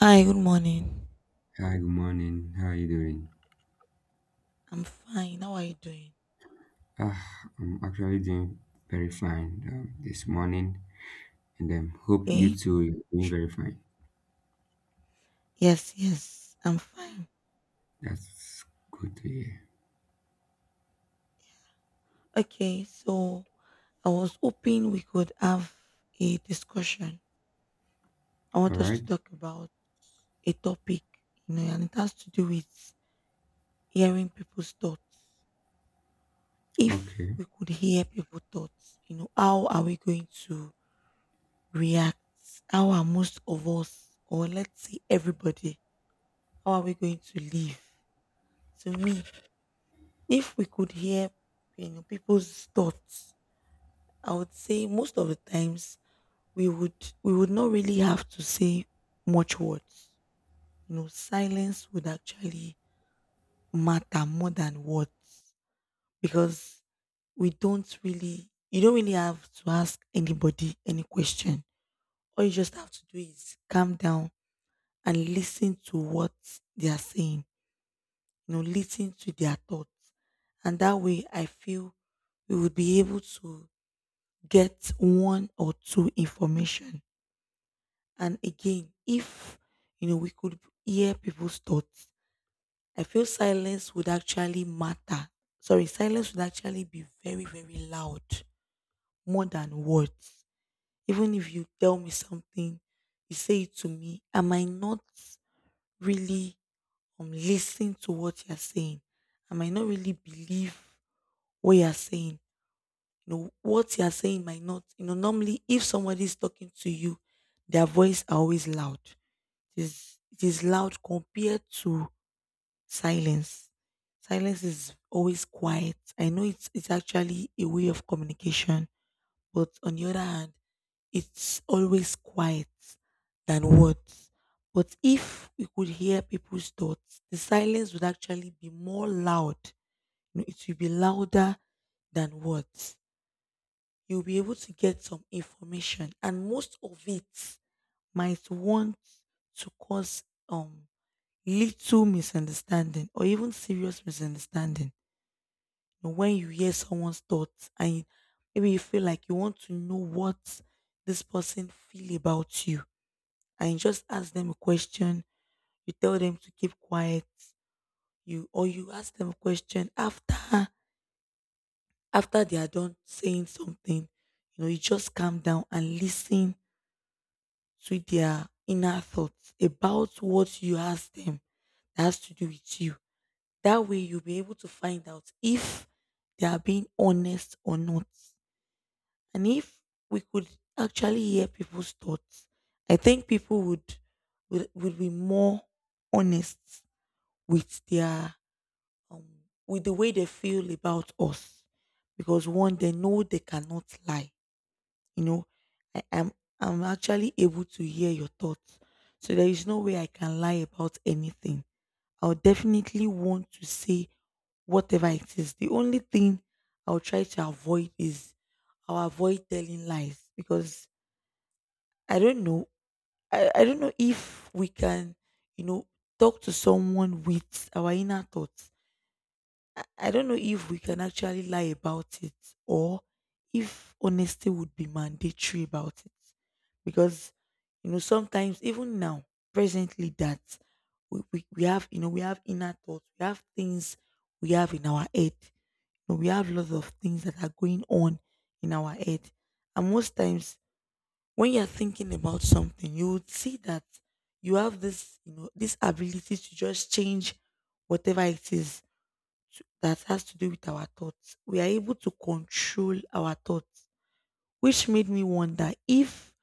Hi, good morning. Hi, good morning. How are you doing? I'm fine. How are you doing? Ah, I'm actually doing very fine this morning, and hope you Okay. too are doing very fine. Yes, I'm fine. That's good to hear. Okay, so I was hoping we could have a discussion. I All want us right. to talk about a topic, you know, and it has to do with hearing people's thoughts. If Okay. we could hear people's thoughts, you know, how are we going to react? How are most of us, or let's say everybody, how are we going to live? To me, if we could hear, you know, people's thoughts, I would say most of the times we would we would not really have to say much words. You know, silence would actually matter more than words because we don't really you don't really have to ask anybody any question. All you just have to do is calm down and listen to what they are saying. You know, listen to their thoughts. And that way I feel we would be able to get one or two information. And again, if you know, we could hear people's thoughts, I feel silence would actually matter. Sorry, silence would actually be very very loud, more than words. Even if you tell me something, you say it to me, I might not really listen to what you're saying. I might not really believe what you're saying. You know, what you are saying might not, you know, normally if somebody is talking to you, their voice are always loud. It is loud compared to silence. Silence is always quiet. I know it's actually a way of communication, but on the other hand, it's always quiet than words. But if we could hear people's thoughts, the silence would actually be more loud. You know, it will be louder than words. You'll be able to get some information, and most of it might want to cause um little misunderstanding or even serious misunderstanding. You know, when you hear someone's thoughts and maybe you feel like you want to know what this person feel about you, and you just ask them a question, you tell them to keep quiet, you ask them a question after they are done saying something. You know, you just calm down and listen to their inner thoughts about what you ask them that has to do with you. That way, you'll be able to find out if they are being honest or not. And if we could actually hear people's thoughts, I think people would be more honest with their um, with the way they feel about us, because one, they know they cannot lie. You know, I am I'm actually able to hear your thoughts, so there is no way I can lie about anything. I'll definitely want to say whatever it is. The only thing I'll try to avoid is I'll avoid telling lies, because I don't know. I don't know if we can, you know, talk to someone with our inner thoughts. I don't know if we can actually lie about it, or if honesty would be mandatory about it. Because, you know, sometimes even now, presently, that we have, you know, we have inner thoughts, we have things we have in our head. You know, we have lots of things that are going on in our head. And most times when you're thinking about something, you would see that you have this, you know, this ability to just change whatever it is that has to do with our thoughts. We are able to control our thoughts, which made me wonder if,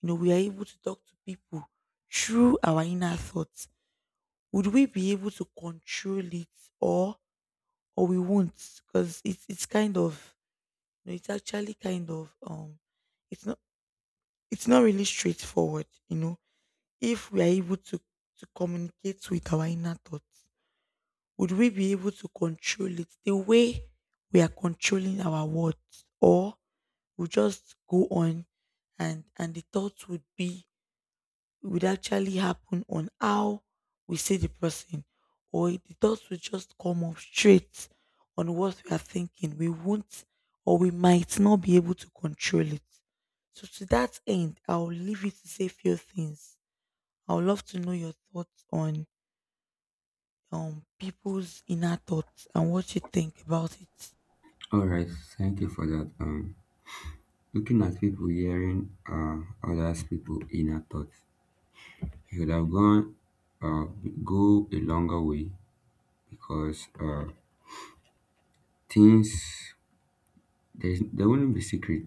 you know, we are able to talk to people through our inner thoughts. Would we be able to control it, or we won't? Because it's kind of, you know, it's actually kind of it's not it's not really straightforward. You know, if we are able to communicate with our inner thoughts, would we be able to control it the way we are controlling our words, or we just go on and the thoughts would be, would actually happen on how we see the person, or the thoughts would just come up straight on what we are thinking? We won't or We might not be able to control it. So to that end, I'll leave you to say few things. I would love to know your thoughts on people's inner thoughts and what you think about it. All right. Thank you for that. Looking at people hearing others people inner thoughts, it would have gone uh go a longer way because things there wouldn't be secret.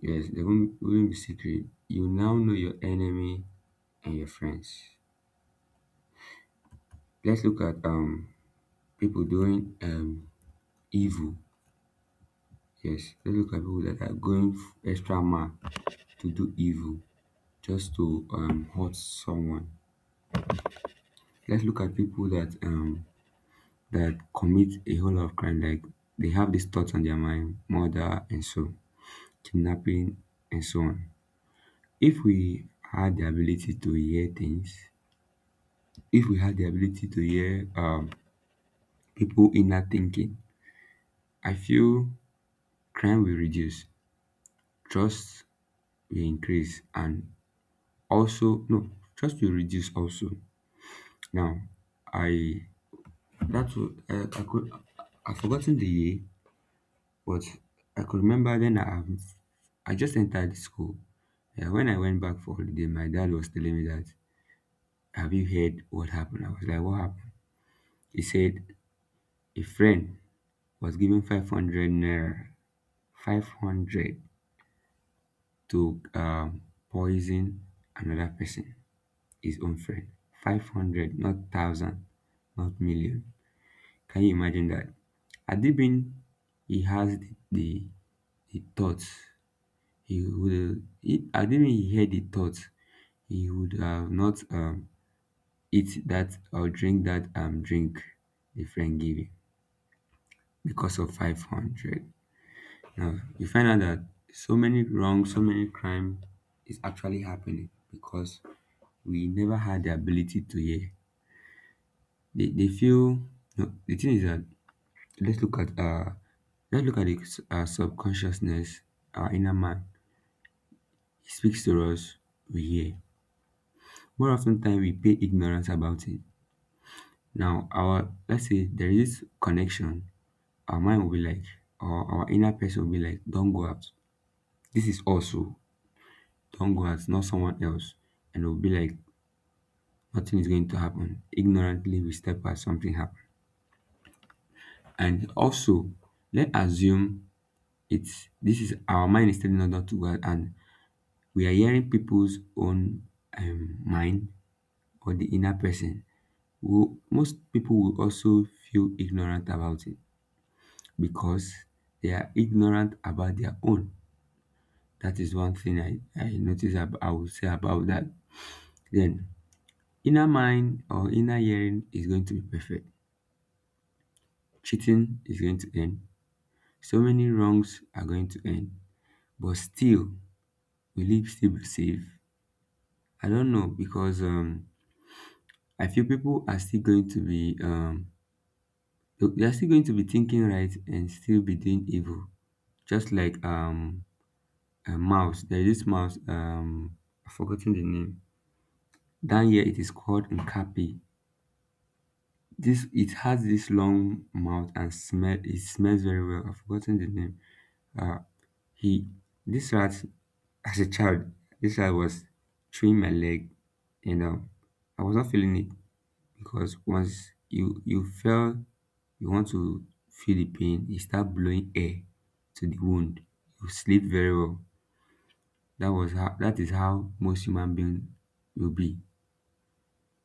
Yes, there wouldn't, be secret. You now know your enemy and your friends. Let's look at people doing evil. Yes, let's look at people that are going extra mile to do evil just to hurt someone. Let's look at people that that commit a whole lot of crime, like they have these thoughts on their mind, murder and so kidnapping and so on. If we had the ability to hear things, if we had the ability to hear people inner thinking, I feel crime will reduce. Trust will increase and also no, trust will reduce also now. i that was uh, i could I've forgotten the year, but I could remember then I just entered school. Yeah, when I went back for holiday my dad was telling me that, have you heard what happened? I was like, what happened? He said a friend was given 500 naira, 500 to um, poison another person, his own friend. 500, not 1,000, not million. Can you imagine that? Had he been, he has the thoughts, he would, he, had he been, he had the thoughts, he would have not eat that or drink that drink the friend gave him because of 500. Now, you find out that so many wrong, so many crime is actually happening because we never had the ability to hear. They feel no, the thing is that let's look at uh let's look at the subconsciousness, our inner man. He speaks to us, we hear. More often time we pay ignorance about it. Now our, let's say there is this connection, our mind will be like, or our inner person will be like, don't go out. This is also don't go out, not someone else. And it will be like nothing is going to happen. Ignorantly we step out, something happen. And also let's assume it's, this is, our mind is telling us not to go out and we are hearing people's own mind or the inner person. Who most people will also feel ignorant about it because they are ignorant about their own. That is one thing I I would say about that. Then inner mind or inner hearing is going to be perfect, cheating is going to end, so many wrongs are going to end, but still, will it still be safe? I don't know because I feel people are still going to be they are still going to be thinking right and still be doing evil. Just like a mouse. There is this mouse I've forgotten the name. Down here it is called Nkapi. This, it has this long mouth and smell, it smells very well. I've forgotten the name. Uh he This rat as a child, this rat was chewing my leg, you know. I was not feeling it because once you fell you want to feel the pain. You start blowing air to the wound, you sleep very well. That is how most human beings will be.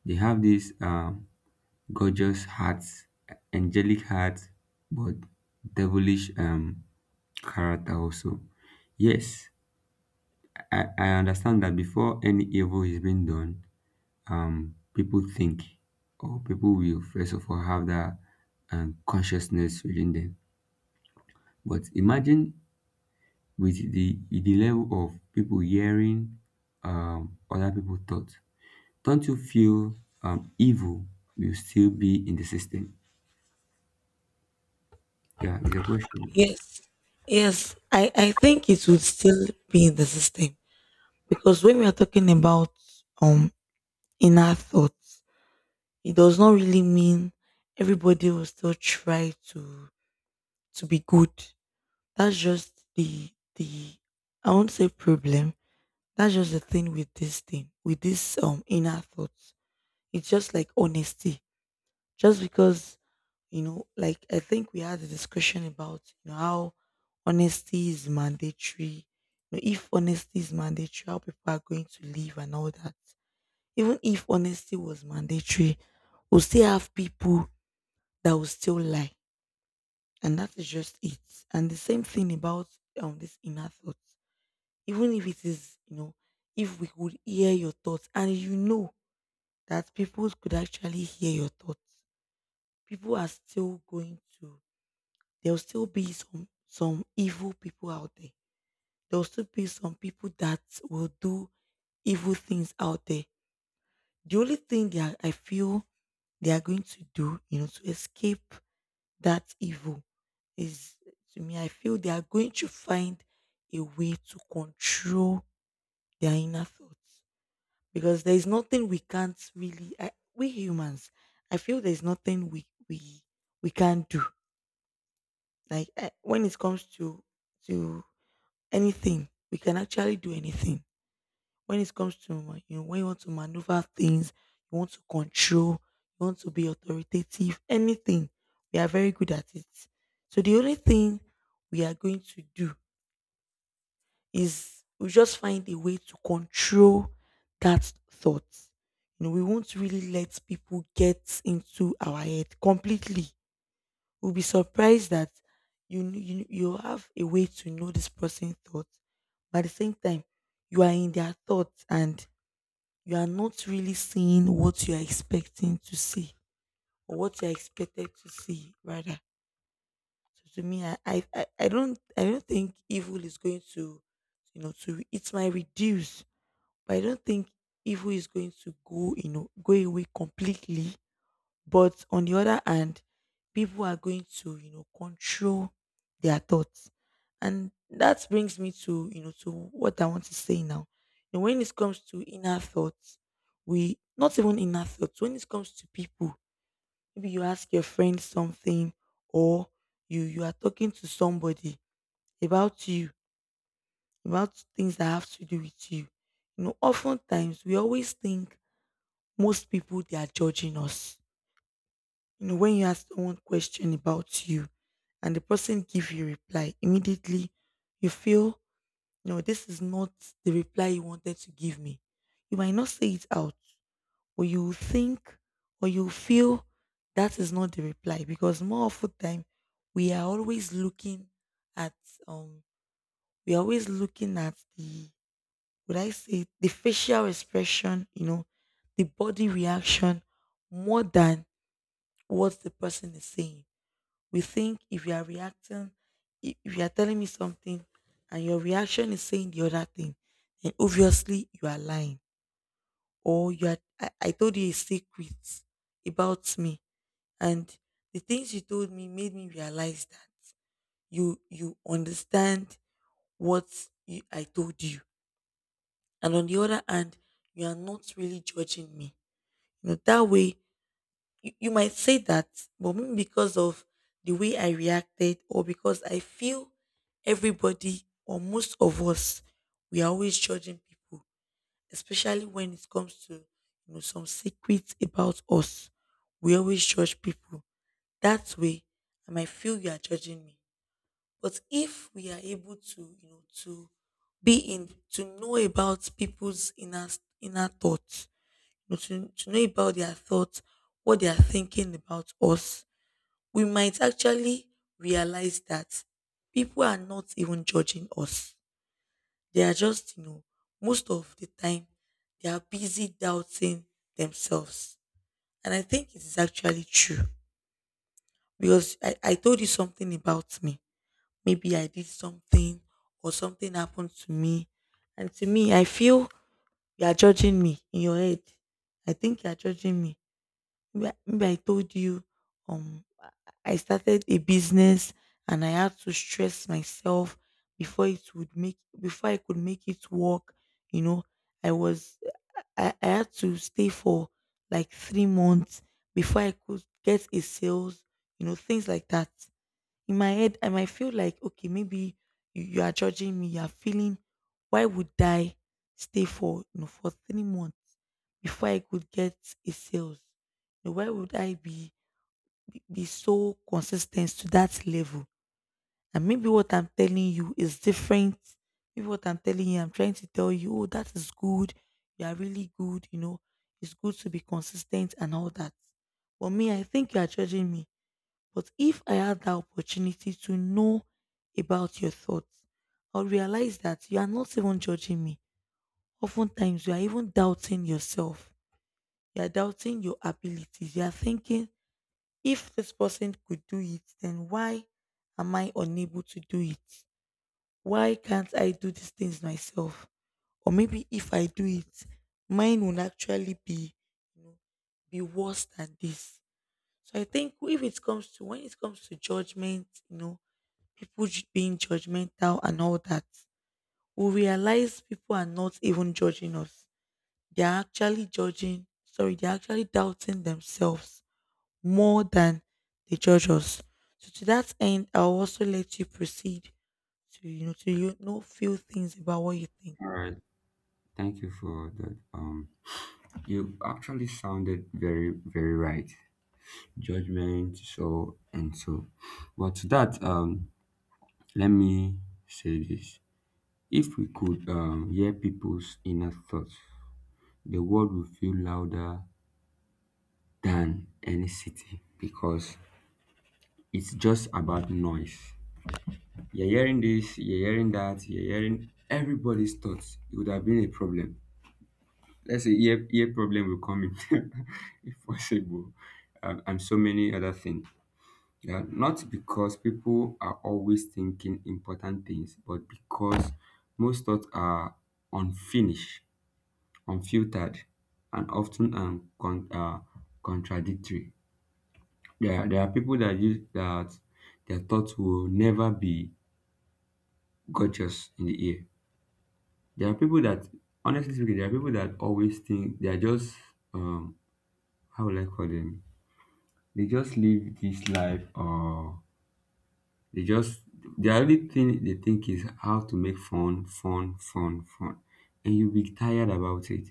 They have these gorgeous hearts, angelic hearts, but devilish character also. Yes, I understand that before any evil is being done, people think, or people will first of all have that consciousness within them. But imagine with the level of people hearing other people thoughts, don't you feel evil will still be in the system? Yeah, it's a question. Yes, yes, I think it would still be in the system, because when we are talking about um inner thoughts, it does not really mean everybody will still try to be good. That's just the, I won't say problem. That's just the thing with this inner thoughts. It's just like honesty. Just because, you know, like I think we had a discussion about, you know, how honesty is mandatory. You know, if honesty is mandatory, how people are going to live and all that. Even if honesty was mandatory, we'll still have people that will still lie. And that is just it. And the same thing about this inner thought. Even if it is, you know, if we could hear your thoughts and you know that people could actually hear your thoughts, people are still going to, there'll still be some evil people out there. There'll still be some people that will do evil things out there. The only thing that I feel they are going to do, you know, to escape that evil is, to me, I feel they are going to find a way to control their inner thoughts, because there is nothing we can't really, we humans, I feel there's nothing we can't do. When it comes to anything, we can actually do anything. When it comes to you know, when you want to maneuver things, you want to control, you want to be authoritative, anything, we are very good at it. So the only thing we are going to do is we just find a way to control that thought. You know, we won't really let people get into our head completely. Will be surprised that you kn- you have a way to know this person's thoughts, but at the same time, you are in their thoughts and you are not really seeing what you are expecting to see, or what you are expected to see rather. So to me, I don't think evil is going to, you know, to, it might reduce, but I don't think evil is going to go, you know, go away completely. But on the other hand, people are going to, you know, control their thoughts. And that brings me to, you know, to what I want to say now. You know, when it comes to inner thoughts, we not even inner thoughts, when it comes to people, maybe you ask your friend something, or you are talking to somebody about you, about things that have to do with you. You know, oftentimes we always think most people they are judging us. You know, when you ask someone question about you and the person give you reply, immediately you feel, no, this is not the reply you wanted to give me. You might not say it out, or you will think or you will feel that is not the reply, because more of the time we are always looking at um we are always looking at the, would I say it, the facial expression, you know, the body reaction more than what the person is saying. We think if you are reacting, if you are telling me something and your reaction is saying the other thing, then obviously you are lying. Or you are, I told you a secret about me. And the things you told me made me realize that you understand what I told you. And on the other hand, you are not really judging me. You know, that way you might say that, but maybe because of the way I reacted, or because I feel everybody or most of us, we are always judging people, especially when it comes to, you know, some secrets about us. We always judge people. That way, I might feel you are judging me. But if we are able to, you know, to be in to know about people's inner thoughts, but to know about their thoughts, what they are thinking about us, we might actually realize that people are not even judging us. They are just, you know, most of the time, they are busy doubting themselves. And I think it is actually true, because I told you something about me. Maybe I did something or something happened to me. And to me, I feel you are judging me in your head. I think you are judging me. Remember, I told you um I started a business and I had to stress myself before it would make before I could make it work, you know. I was I had to stay for like 3 months before I could get a sales, you know, things like that. In my head, I might feel like, okay, maybe you are judging me, you are feeling, why would I stay for, you know, for 3 months before I could get a sales. You know, why would I be so consistent to that level? And maybe what I'm telling you is different. Maybe what I'm telling you I'm trying to tell you, oh, that is good, you are really good, you know, it's good to be consistent and all that. But me, I think you are judging me. But if I had the opportunity to know about your thoughts, I'll realize that you are not even judging me. Oftentimes, you are even doubting yourself. You are doubting your abilities. You are thinking, if this person could do it, then why am I unable to do it? Why can't I do these things myself? Or maybe if I do it, mine will actually be, you know, be worse than this. So I think if it comes to when it comes to judgment, you know, being judgmental and all that, we realize people are not even judging us. They are actually judging, sorry, they're actually doubting themselves more than they judge us. So to that end, I'll also let you proceed to to few things about what you think. All right. Thank you for that. You actually sounded very, very right. Judgment, so and so. But to that, let me say this. If we could hear people's inner thoughts, the world will feel louder than any city because it's just about noise. You're hearing this, you're hearing that, you're hearing everybody's thoughts. It would have been a problem. Let's say ear, ear problem will come in if possible, and so many other things. Yeah, not because people are always thinking important things, but because most thoughts are unfinished, unfiltered, and often contradictory. There are people that use that, their thoughts will never be gotchas in the air. There are people that, honestly speaking, there are people that always think they are just, um, how will I call them? They just live this life, or they just, the only thing they think is how to make fun, fun, fun, fun. And you'll be tired about it.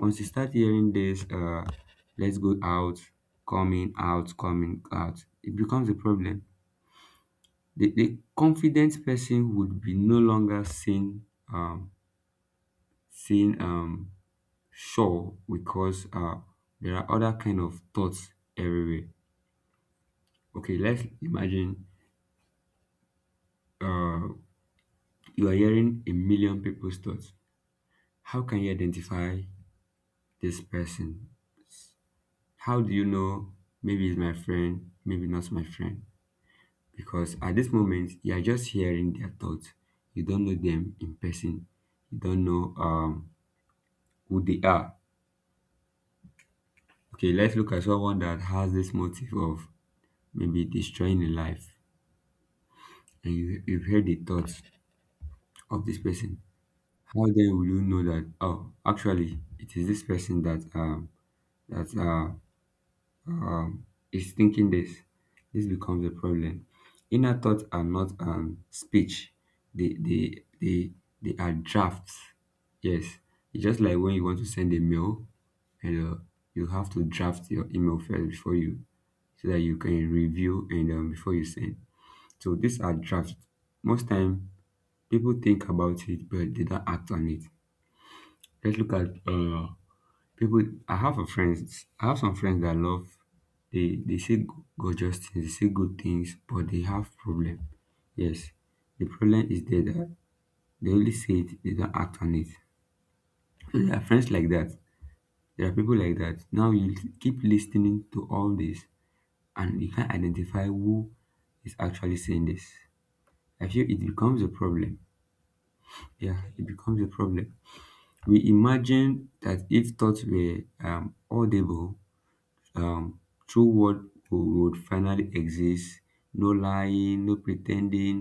Once you start hearing this, let's go out, coming out, coming out, it becomes a problem. The confident person would be no longer seen, um, seen, um, sure because there are other kind of thoughts everywhere. Okay, let's imagine uh, you are hearing a million people's thoughts. How can you identify this person? How do you know maybe it's my friend, maybe not my friend? Because at this moment, you are just hearing their thoughts. You don't know them in person. You don't know who they are. Okay, let's look at someone that has this motive of maybe destroying a life, and you've heard the thoughts of this person. How then will you know that oh actually it is this person that that uh is thinking this? This becomes a problem. Inner thoughts are not speech. They they they they are drafts. Yes. It's just like when you want to send a mail and you have to draft your email first before you, so that you can review and before you send. So these are drafts. Most time people think about it but they don't act on it. Let's look at people. I have a friends. I have some friends that love. They they say g- Gorgeous things. They say good things, but they have problem. Yes, the problem is there that they only say it. They don't act on it. So there are friends like that. There are people like that. Now you keep listening to all this, and you can't identify who is actually saying this. I feel it becomes a problem. Yeah, Okay. it becomes a problem. We imagine that if thoughts were audible, um true word would finally exist, no lying, no pretending,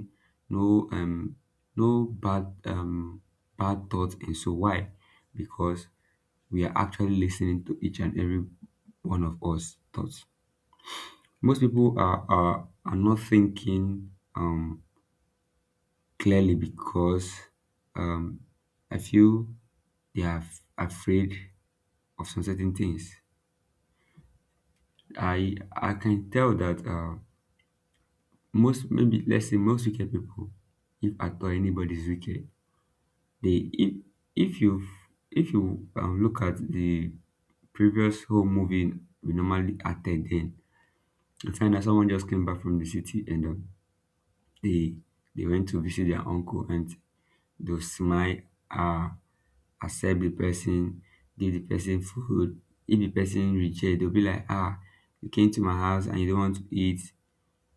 no um no bad bad thoughts, and so why? Because we are actually listening to each and every one of us thoughts. Most people are not thinking clearly because um I feel they are afraid of some certain things. I can tell that most, maybe let's say most wicked people, if at all anybody is wicked, they if if you you look at the previous whole movie we normally attend then, you find that someone just came back from the city and they they went to visit their uncle and they smile, uh accept the person, give the person food. If the person reject they'll be like, ah, you came to my house and you don't want to eat,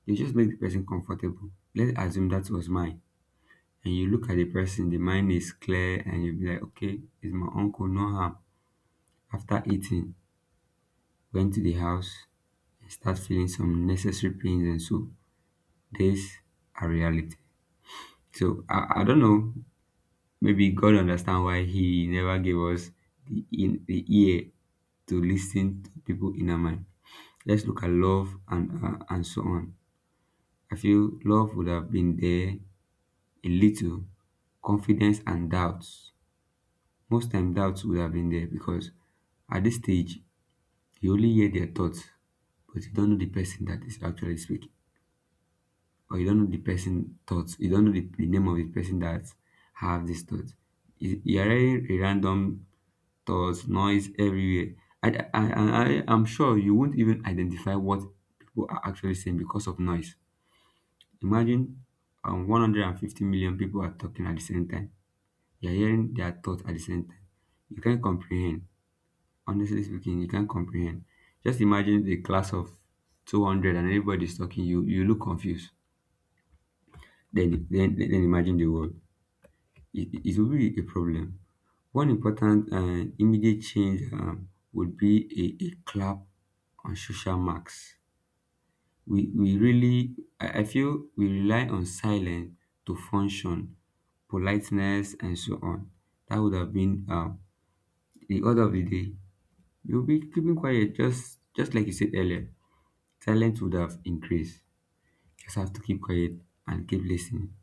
you just make the person comfortable. Let's assume that was mine and you look at the person, the mind is clear, and you'll be like, okay, it's my uncle, no harm. After eating, went to the house and start feeling some necessary pains, and so these are reality. So I don't know, maybe God understand why He never gave us the ear to listen to people in our mind. Let's look at love and so on. I feel love would have been there a little, confidence and doubts. Most time doubts would have been there because at this stage you only hear their thoughts, but you don't know the person that is actually speaking, or you don't know the person thoughts. You don't know the name of the person that have these thoughts. You are hearing a random thoughts, noise everywhere. I'm sure you won't even identify what people are actually saying because of noise. Imagine 150 million people are talking at the same time. You're hearing their thoughts at the same time. You can't comprehend. Honestly speaking, you can't comprehend. Just imagine the class of 200 and everybody's talking, you look confused. Then imagine the world. It will be a problem. One important and immediate change would be a clap on social marks. We really, I feel we rely on silence to function, politeness, and so on. That would have been the order of the day. You'll be keeping quiet, just like you said earlier. Silence would have increased. Just have to keep quiet and keep listening.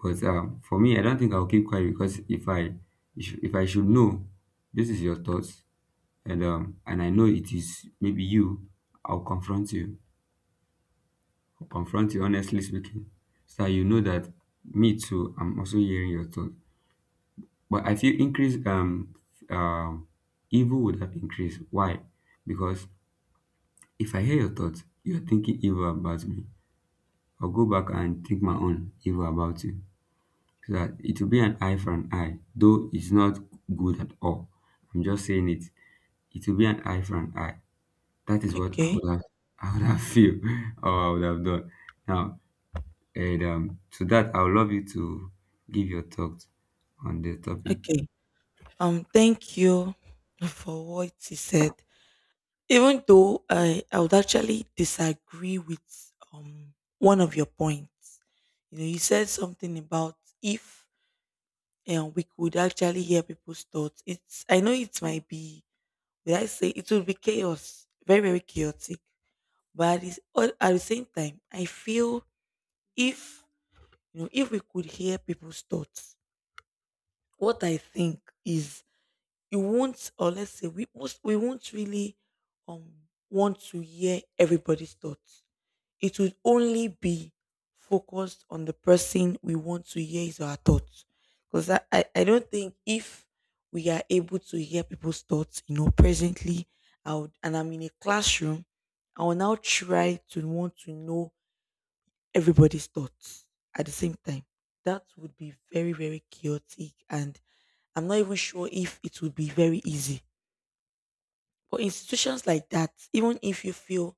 But for me, I don't think I'll keep quiet because if I should know this is your thoughts and I know it is maybe you, I'll confront you. I'll confront you, honestly speaking, so that you know that me too. I'm also hearing your thoughts. But I feel increase um evil would have increased. Why? Because if I hear your thoughts, you're thinking evil about me, I'll go back and think my own evil about you. So that it will be an eye for an eye, though it's not good at all. I'm just saying it. It will be an eye for an eye. That is what I Okay. would have, I would have feel, or I would have done. Now, and to that, I would love you to give your thoughts on the topic. Okay. Thank you for what you said. Even though I would actually disagree with one of your points. You know, you said something about if we could actually hear people's thoughts. It's, I know it might be, would I say, it would be chaos, very, very chaotic. But at the same time, I feel if, you know, if we could hear people's thoughts, what I think is you won't, or let's say we most, we won't really um want to hear everybody's thoughts. It would only be focused on the person we want to hear is our thoughts. Because I don't think if we are able to hear people's thoughts, you know, presently I would, and I'm in a classroom, I will now try to want to know everybody's thoughts at the same time. That would be very, very chaotic, and I'm not even sure if it would be very easy. But institutions like that, even if you feel,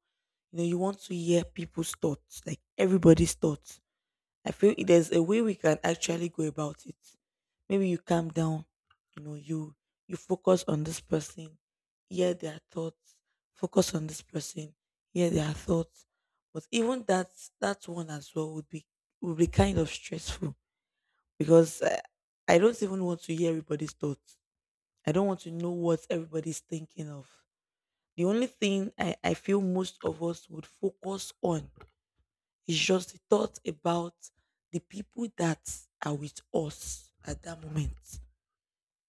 you know, you want to hear people's thoughts, like everybody's thoughts, I feel there's a way we can actually go about it. Maybe you calm down, you know, you focus on this person, hear their thoughts, focus on this person, hear their thoughts. But even that, that one as well would be, would be kind of stressful, because I don't even want to hear everybody's thoughts. I don't want to know what everybody's thinking of. The only thing I feel most of us would focus on is just the thought about the people that are with us at that moment.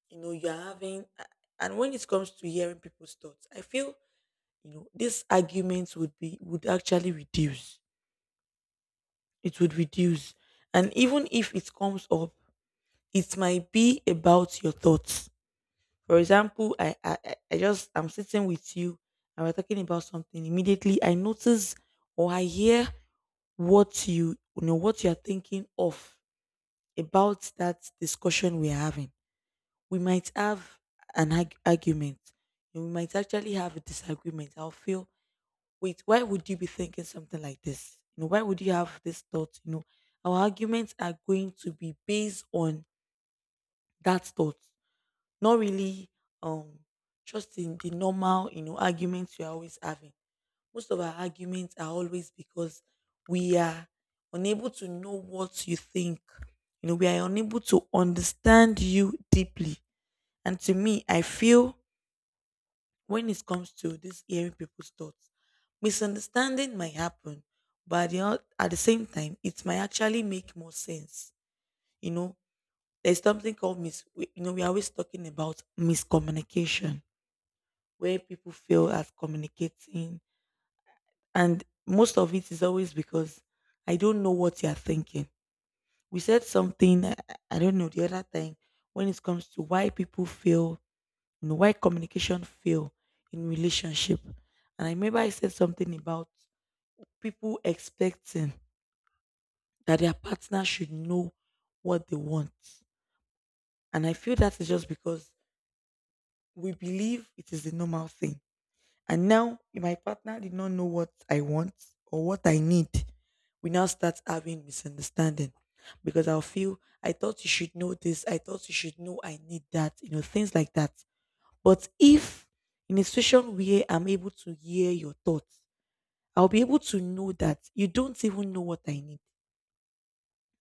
You know, you're having, and when it comes to hearing people's thoughts, I feel, you know, this argument would be, would actually reduce. It would reduce. And even if it comes up, it might be about your thoughts. For example, I just, I'm sitting with you and we're talking about something. Immediately I notice or I hear what you know, what you're thinking of about that discussion we're having. We might have argument, and we might actually have a disagreement. I'll feel, wait, why would you be thinking something like this? You know, why would you have this thought? You know, our arguments are going to be based on that thought, not really um just in the normal, you know, arguments you're always having. Most of our arguments are always because we are unable to know what you think. You know, we are unable to understand you deeply. And to me, I feel when it comes to this hearing people's thoughts, misunderstanding might happen, but at the same time, it might actually make more sense. You know, there's something called you know, we're always talking about miscommunication, where people fail at communicating. And most of it is always because I don't know what you're thinking. We said something, I don't know, the other time, when it comes to why people fail, you know, why communication fail in relationship. And I remember I said something about people expecting that their partner should know what they want. And I feel that is just because we believe it is the normal thing. And now my partner did not know what I want or what I need. We now start having misunderstanding, because I'll feel, I thought you should know this. I thought you should know I need that. You know, things like that. But if in a situation where I'm able to hear your thoughts, I'll be able to know that you don't even know what I need,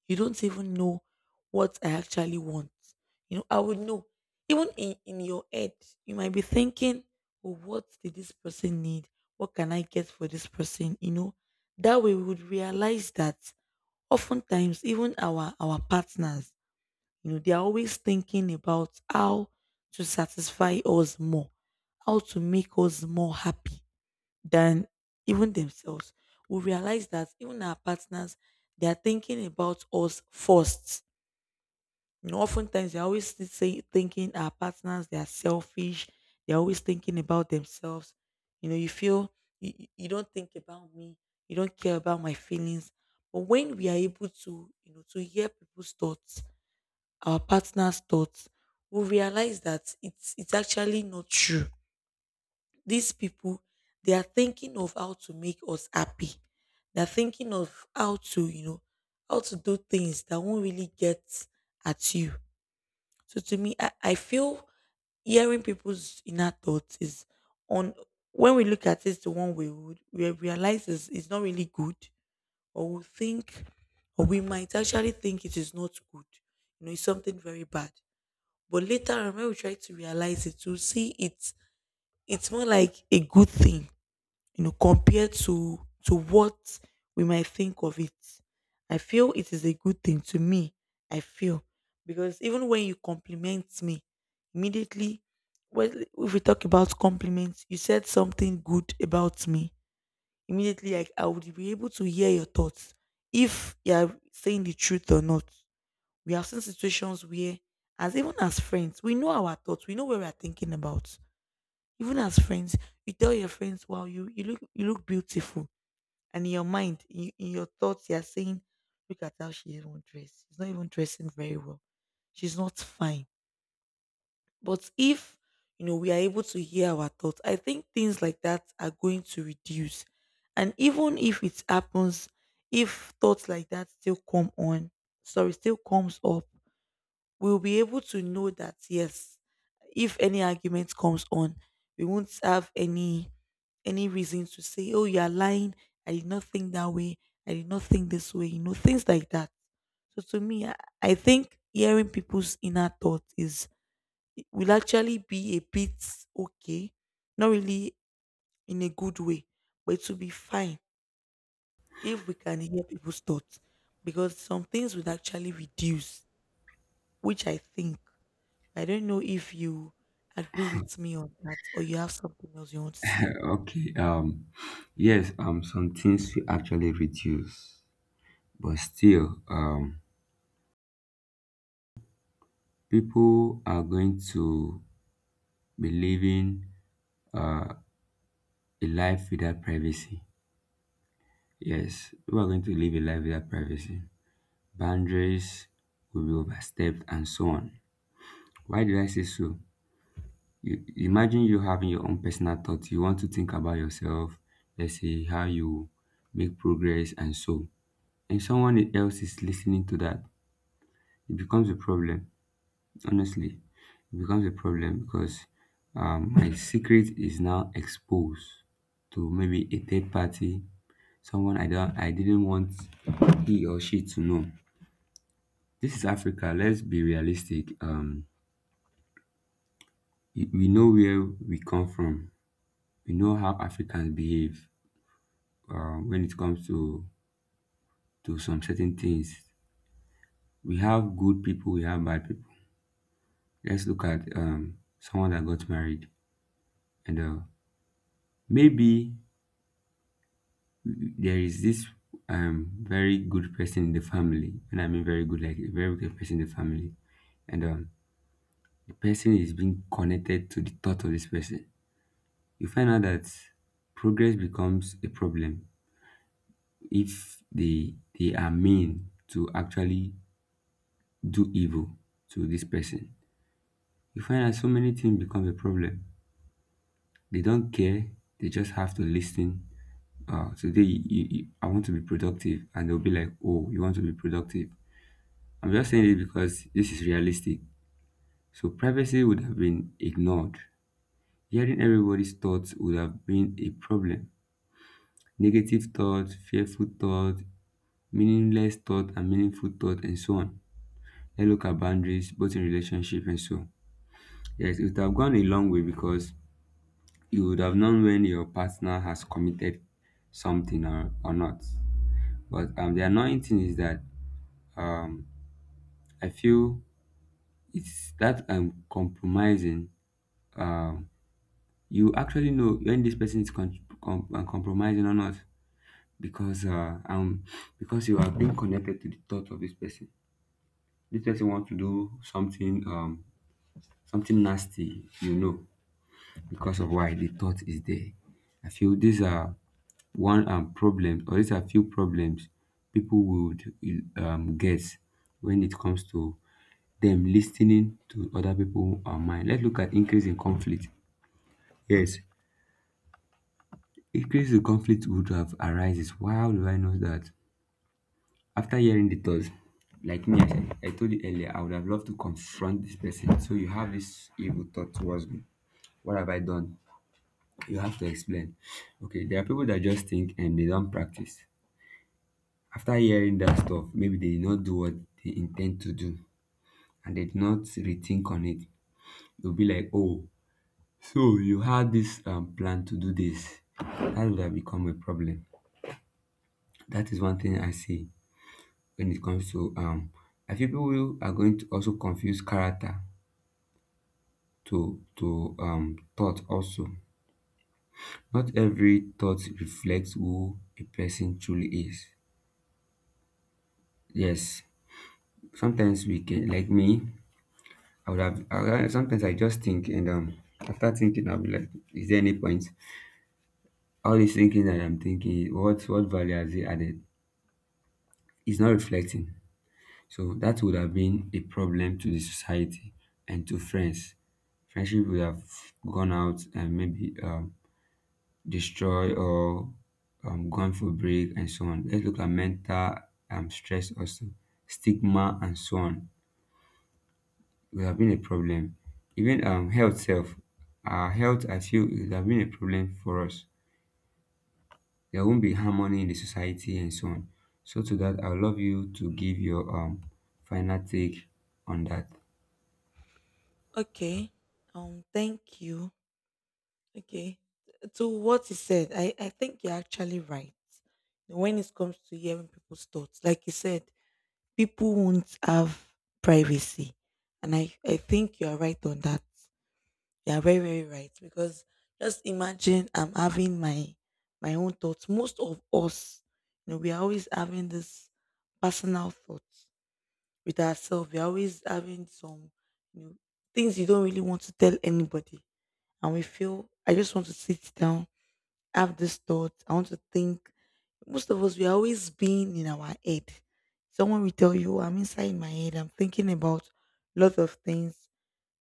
you don't even know what I actually want. You know, I would know. Even in your head, you might be thinking, oh, what did this person need? What can I get for this person? You know, that way we would realize that oftentimes even our partners, you know, they are always thinking about how to satisfy us more, how to make us more happy than even themselves. We realize that even our partners, they are thinking about us first. You know, oftentimes they're always thinking our partners, they are selfish. They're always thinking about themselves. You know, you feel you don't think about me. You don't care about my feelings. But when we are able to, you know, to hear people's thoughts, our partner's thoughts, we realize that it's actually not true. These people, they are thinking of how to make us happy. They're thinking of how to, you know, how to do things that won't really get at you. So to me, I feel hearing people's inner thoughts is, on when we look at it the one way, we would, we realize, is it's not really good, or we think, or we might actually think it is not good. You know, it's something very bad. But later on, when we try to realize it, we'll see it's more like a good thing, you know, compared to what we might think of it. I feel it is a good thing to me. I feel because even when you compliment me, immediately, well, if we talk about compliments, you said something good about me. Immediately, like, I would be able to hear your thoughts if you are saying the truth or not. We have seen situations where, as even as friends, we know our thoughts. We know what we are thinking about. Even as friends, you tell your friends, "Wow, you look, you look beautiful." And in your mind, in your thoughts, you're saying, look at how she even dressed. She's not even dressing very well. She's not fine. But if, you know, we are able to hear our thoughts, I think things like that are going to reduce. And even if it happens, if thoughts like that still still comes up, we'll be able to know that yes, if any argument comes on, we won't have any reason to say, oh, you are lying. I did not think that way. I did not think this way, you know, things like that. So to me, I think hearing people's inner thoughts is, will actually be a bit okay. Not really in a good way, but it will be fine if we can hear people's thoughts. Because some things would actually reduce, which I think, I don't know if you agree with me on that, or you have something else you want to say. Okay. Yes. Some things we actually reduce, but still, people are going to be living uh a life without privacy. Yes, we are going to live a life without privacy. Boundaries will be overstepped and so on. Why did I say so? You, imagine you having your own personal thoughts. You want to think about yourself, let's say how you make progress and so. And someone else is listening to that. It becomes a problem. Honestly, it becomes a problem because my secret is now exposed to maybe a third party, someone I didn't want he or she to know. This is Africa. Let's be realistic. We know where we come from. We know how Africans behave, when it comes to some certain things. We have good people. We have bad people. Let's look at someone that got married and maybe there is this very good person in the family, and I mean very good, like a very good person in the family, and the person is being connected to the thought of this person. You find out that progress becomes a problem if they are mean to actually do evil to this person. You find out so many things become a problem. They don't care. They just have to listen. Today I want to be productive, and they'll be like, "Oh, you want to be productive." I'm just saying it because this is realistic. So privacy would have been ignored. Hearing everybody's thoughts would have been a problem: negative thought, fearful thought, meaningless thought, and meaningful thought, and so on. Let's look at boundaries, both in relationship and so. Yes, it would have gone a long way because you would have known when your partner has committed something, or not. But the annoying thing is that um, I feel it's that I'm compromising. Um, you actually know when this person is compromising or not because because you are being connected to the thought of this person. This person want to do something something nasty, you know, because of why the thought is there. I feel these are one problem, or these are few problems people would guess when it comes to them listening to other people mind. Let's look at increase in conflict. Yes, increase in conflict would have arises. Why do I know that? After hearing the thoughts, like me, said- I told you earlier, I would have loved to confront this person. So you have this evil thought towards me, what have I done? You have to explain. Okay, there are people that just think and they don't practice. After hearing that stuff, maybe they did not do what they intend to do and they did not rethink on it. They'll be like, oh, so you had this plan to do this. That would have become a problem. That is one thing I see when it comes to I feel people who are going to also confuse character to thought also. Not every thought reflects who a person truly is. Yes, sometimes we can, like me, would have- sometimes I just think, and after thinking, I'll be like, is there any point? All this thinking that I'm thinking, what value has it added? It's not reflecting. So that would have been a problem to the society and to friends. Friendship would have gone out and maybe destroy or gone for break and so on. Let's look at mental stress also, stigma and so on would have been a problem. Even health self, our health I feel it would have been a problem for us. There won't be harmony in the society and so on. So to that, I would love you to give your final take on that. Okay. Thank you. Okay. To what you said, I think you're actually right. When it comes to hearing people's thoughts, like you said, people won't have privacy. And I think you're right on that. You're very, very right. Because just imagine I'm having my own thoughts. Most of us, you know, we are always having this personal thoughts with ourselves. We're always having some, you know, things you don't really want to tell anybody. And we feel, I just want to sit down, have this thought. I want to think. Most of us, we're always being in our head. Someone will tell you, I'm inside my head. I'm thinking about lots of things,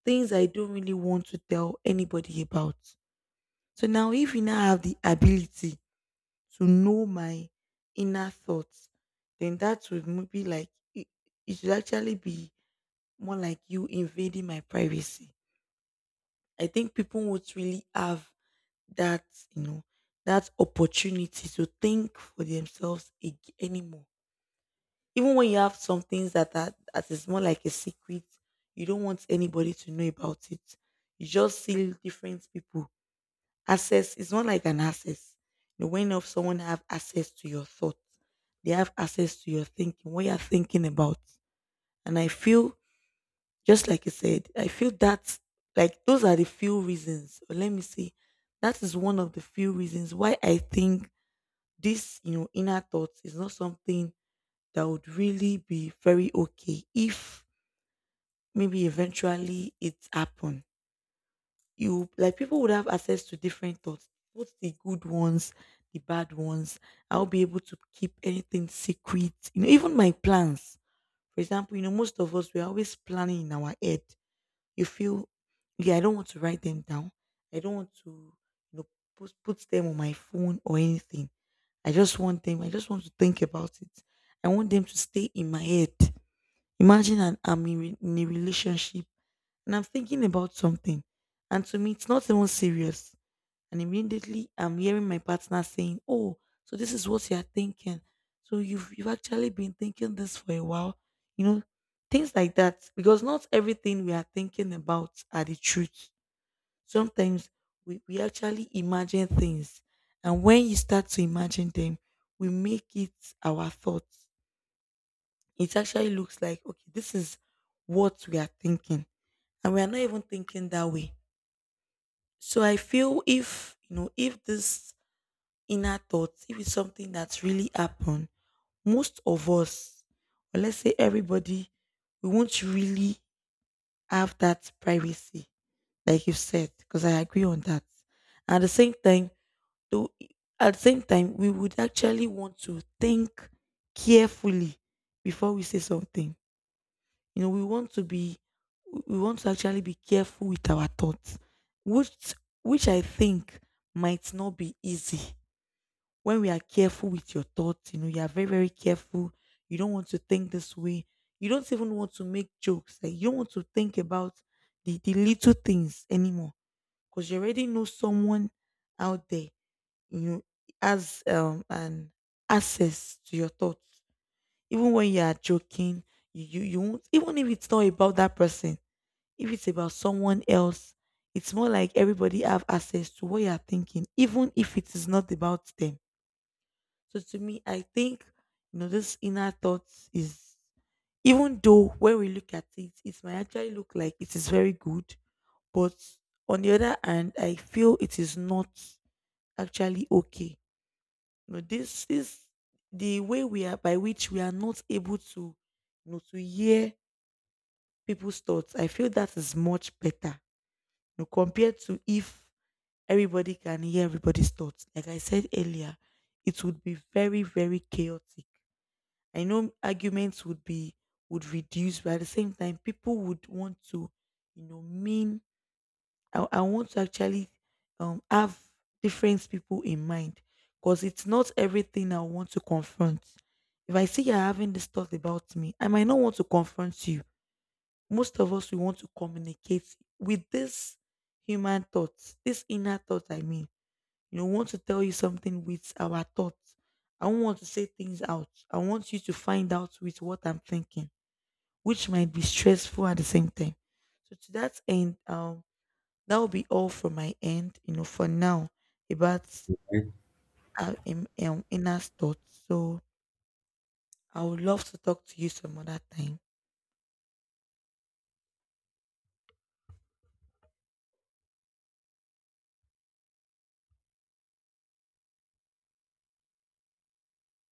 things I don't really want to tell anybody about. So now, if you now have the ability to know my inner thoughts, then that would be like, it should actually be more like you invading my privacy. I think people would really have that, you know, that opportunity to think for themselves anymore. Even when you have some things that are that is more like a secret, you don't want anybody to know about it. You just see different people. Access it's not like an access. You know, when of someone have access to your thoughts, they have access to your thinking, what you're thinking about. And I feel just like you said, I feel that like those are the few reasons. Or let me see. That is one of the few reasons why I think this inner thoughts is not something that would really be very okay if maybe eventually it happen. You like people would have access to different thoughts, both the good ones, the bad ones. I'll be able to keep anything secret. You know, even my plans. For example, most of us we're always planning in our head you feel, yeah, I don't want to write them down. I don't want to you know put them on my phone or anything. I just want to think about it. I want them to stay in my head. Imagine I'm in, in a relationship and I'm thinking about something, and to me it's not even serious, and immediately I'm hearing my partner saying, "Oh, so this is what you're thinking. So you've actually been thinking this for a while." You know, things like that. Because not everything we are thinking about are the truth. Sometimes we actually imagine things. And when you start to imagine them, we make it our thoughts. It actually looks like, okay, this is what we are thinking. And we are not even thinking that way. So I feel if you know if this inner thoughts, if it's something that's really happened, most of us, or let's say everybody, we won't really have that privacy, like you said, because I agree on that. At the same time, though, at the same time, we would actually want to think carefully before we say something. You know, we want to actually be careful with our thoughts, which, which I think might not be easy. When we are careful with your thoughts, you know, you are very, very careful. You don't want to think this way. You don't even want to make jokes. Like you don't want to think about the little things anymore. Because you already know someone out there, you know, has an access to your thoughts. Even when you are joking, you won't, even if it's not about that person, if it's about someone else, it's more like everybody have access to what you are thinking, even if it is not about them. So to me, I think you know this inner thought is, even though when we look at it, it might actually look like it is very good, but on the other hand, I feel it is not actually okay. You know, this is the way we are by which we are not able to to hear people's thoughts. I feel that is much better. You know, compared to if everybody can hear everybody's thoughts. Like I said earlier, it would be very, very chaotic. I know arguments would be would reduce, but at the same time, people would want to, you know, mean. I want to actually have different people in mind, because it's not everything I want to confront. If I see you're having this thought about me, I might not want to confront you. Most of us we want to communicate with this human thoughts, this inner thought. I mean you know, we want to tell you something with our thoughts. I don't want to say things out. I want you to find out with what I'm thinking, which might be stressful at the same time. So to that end, that will be all from my end. You know, for now about our inner thoughts. So I would love to talk to you some other time.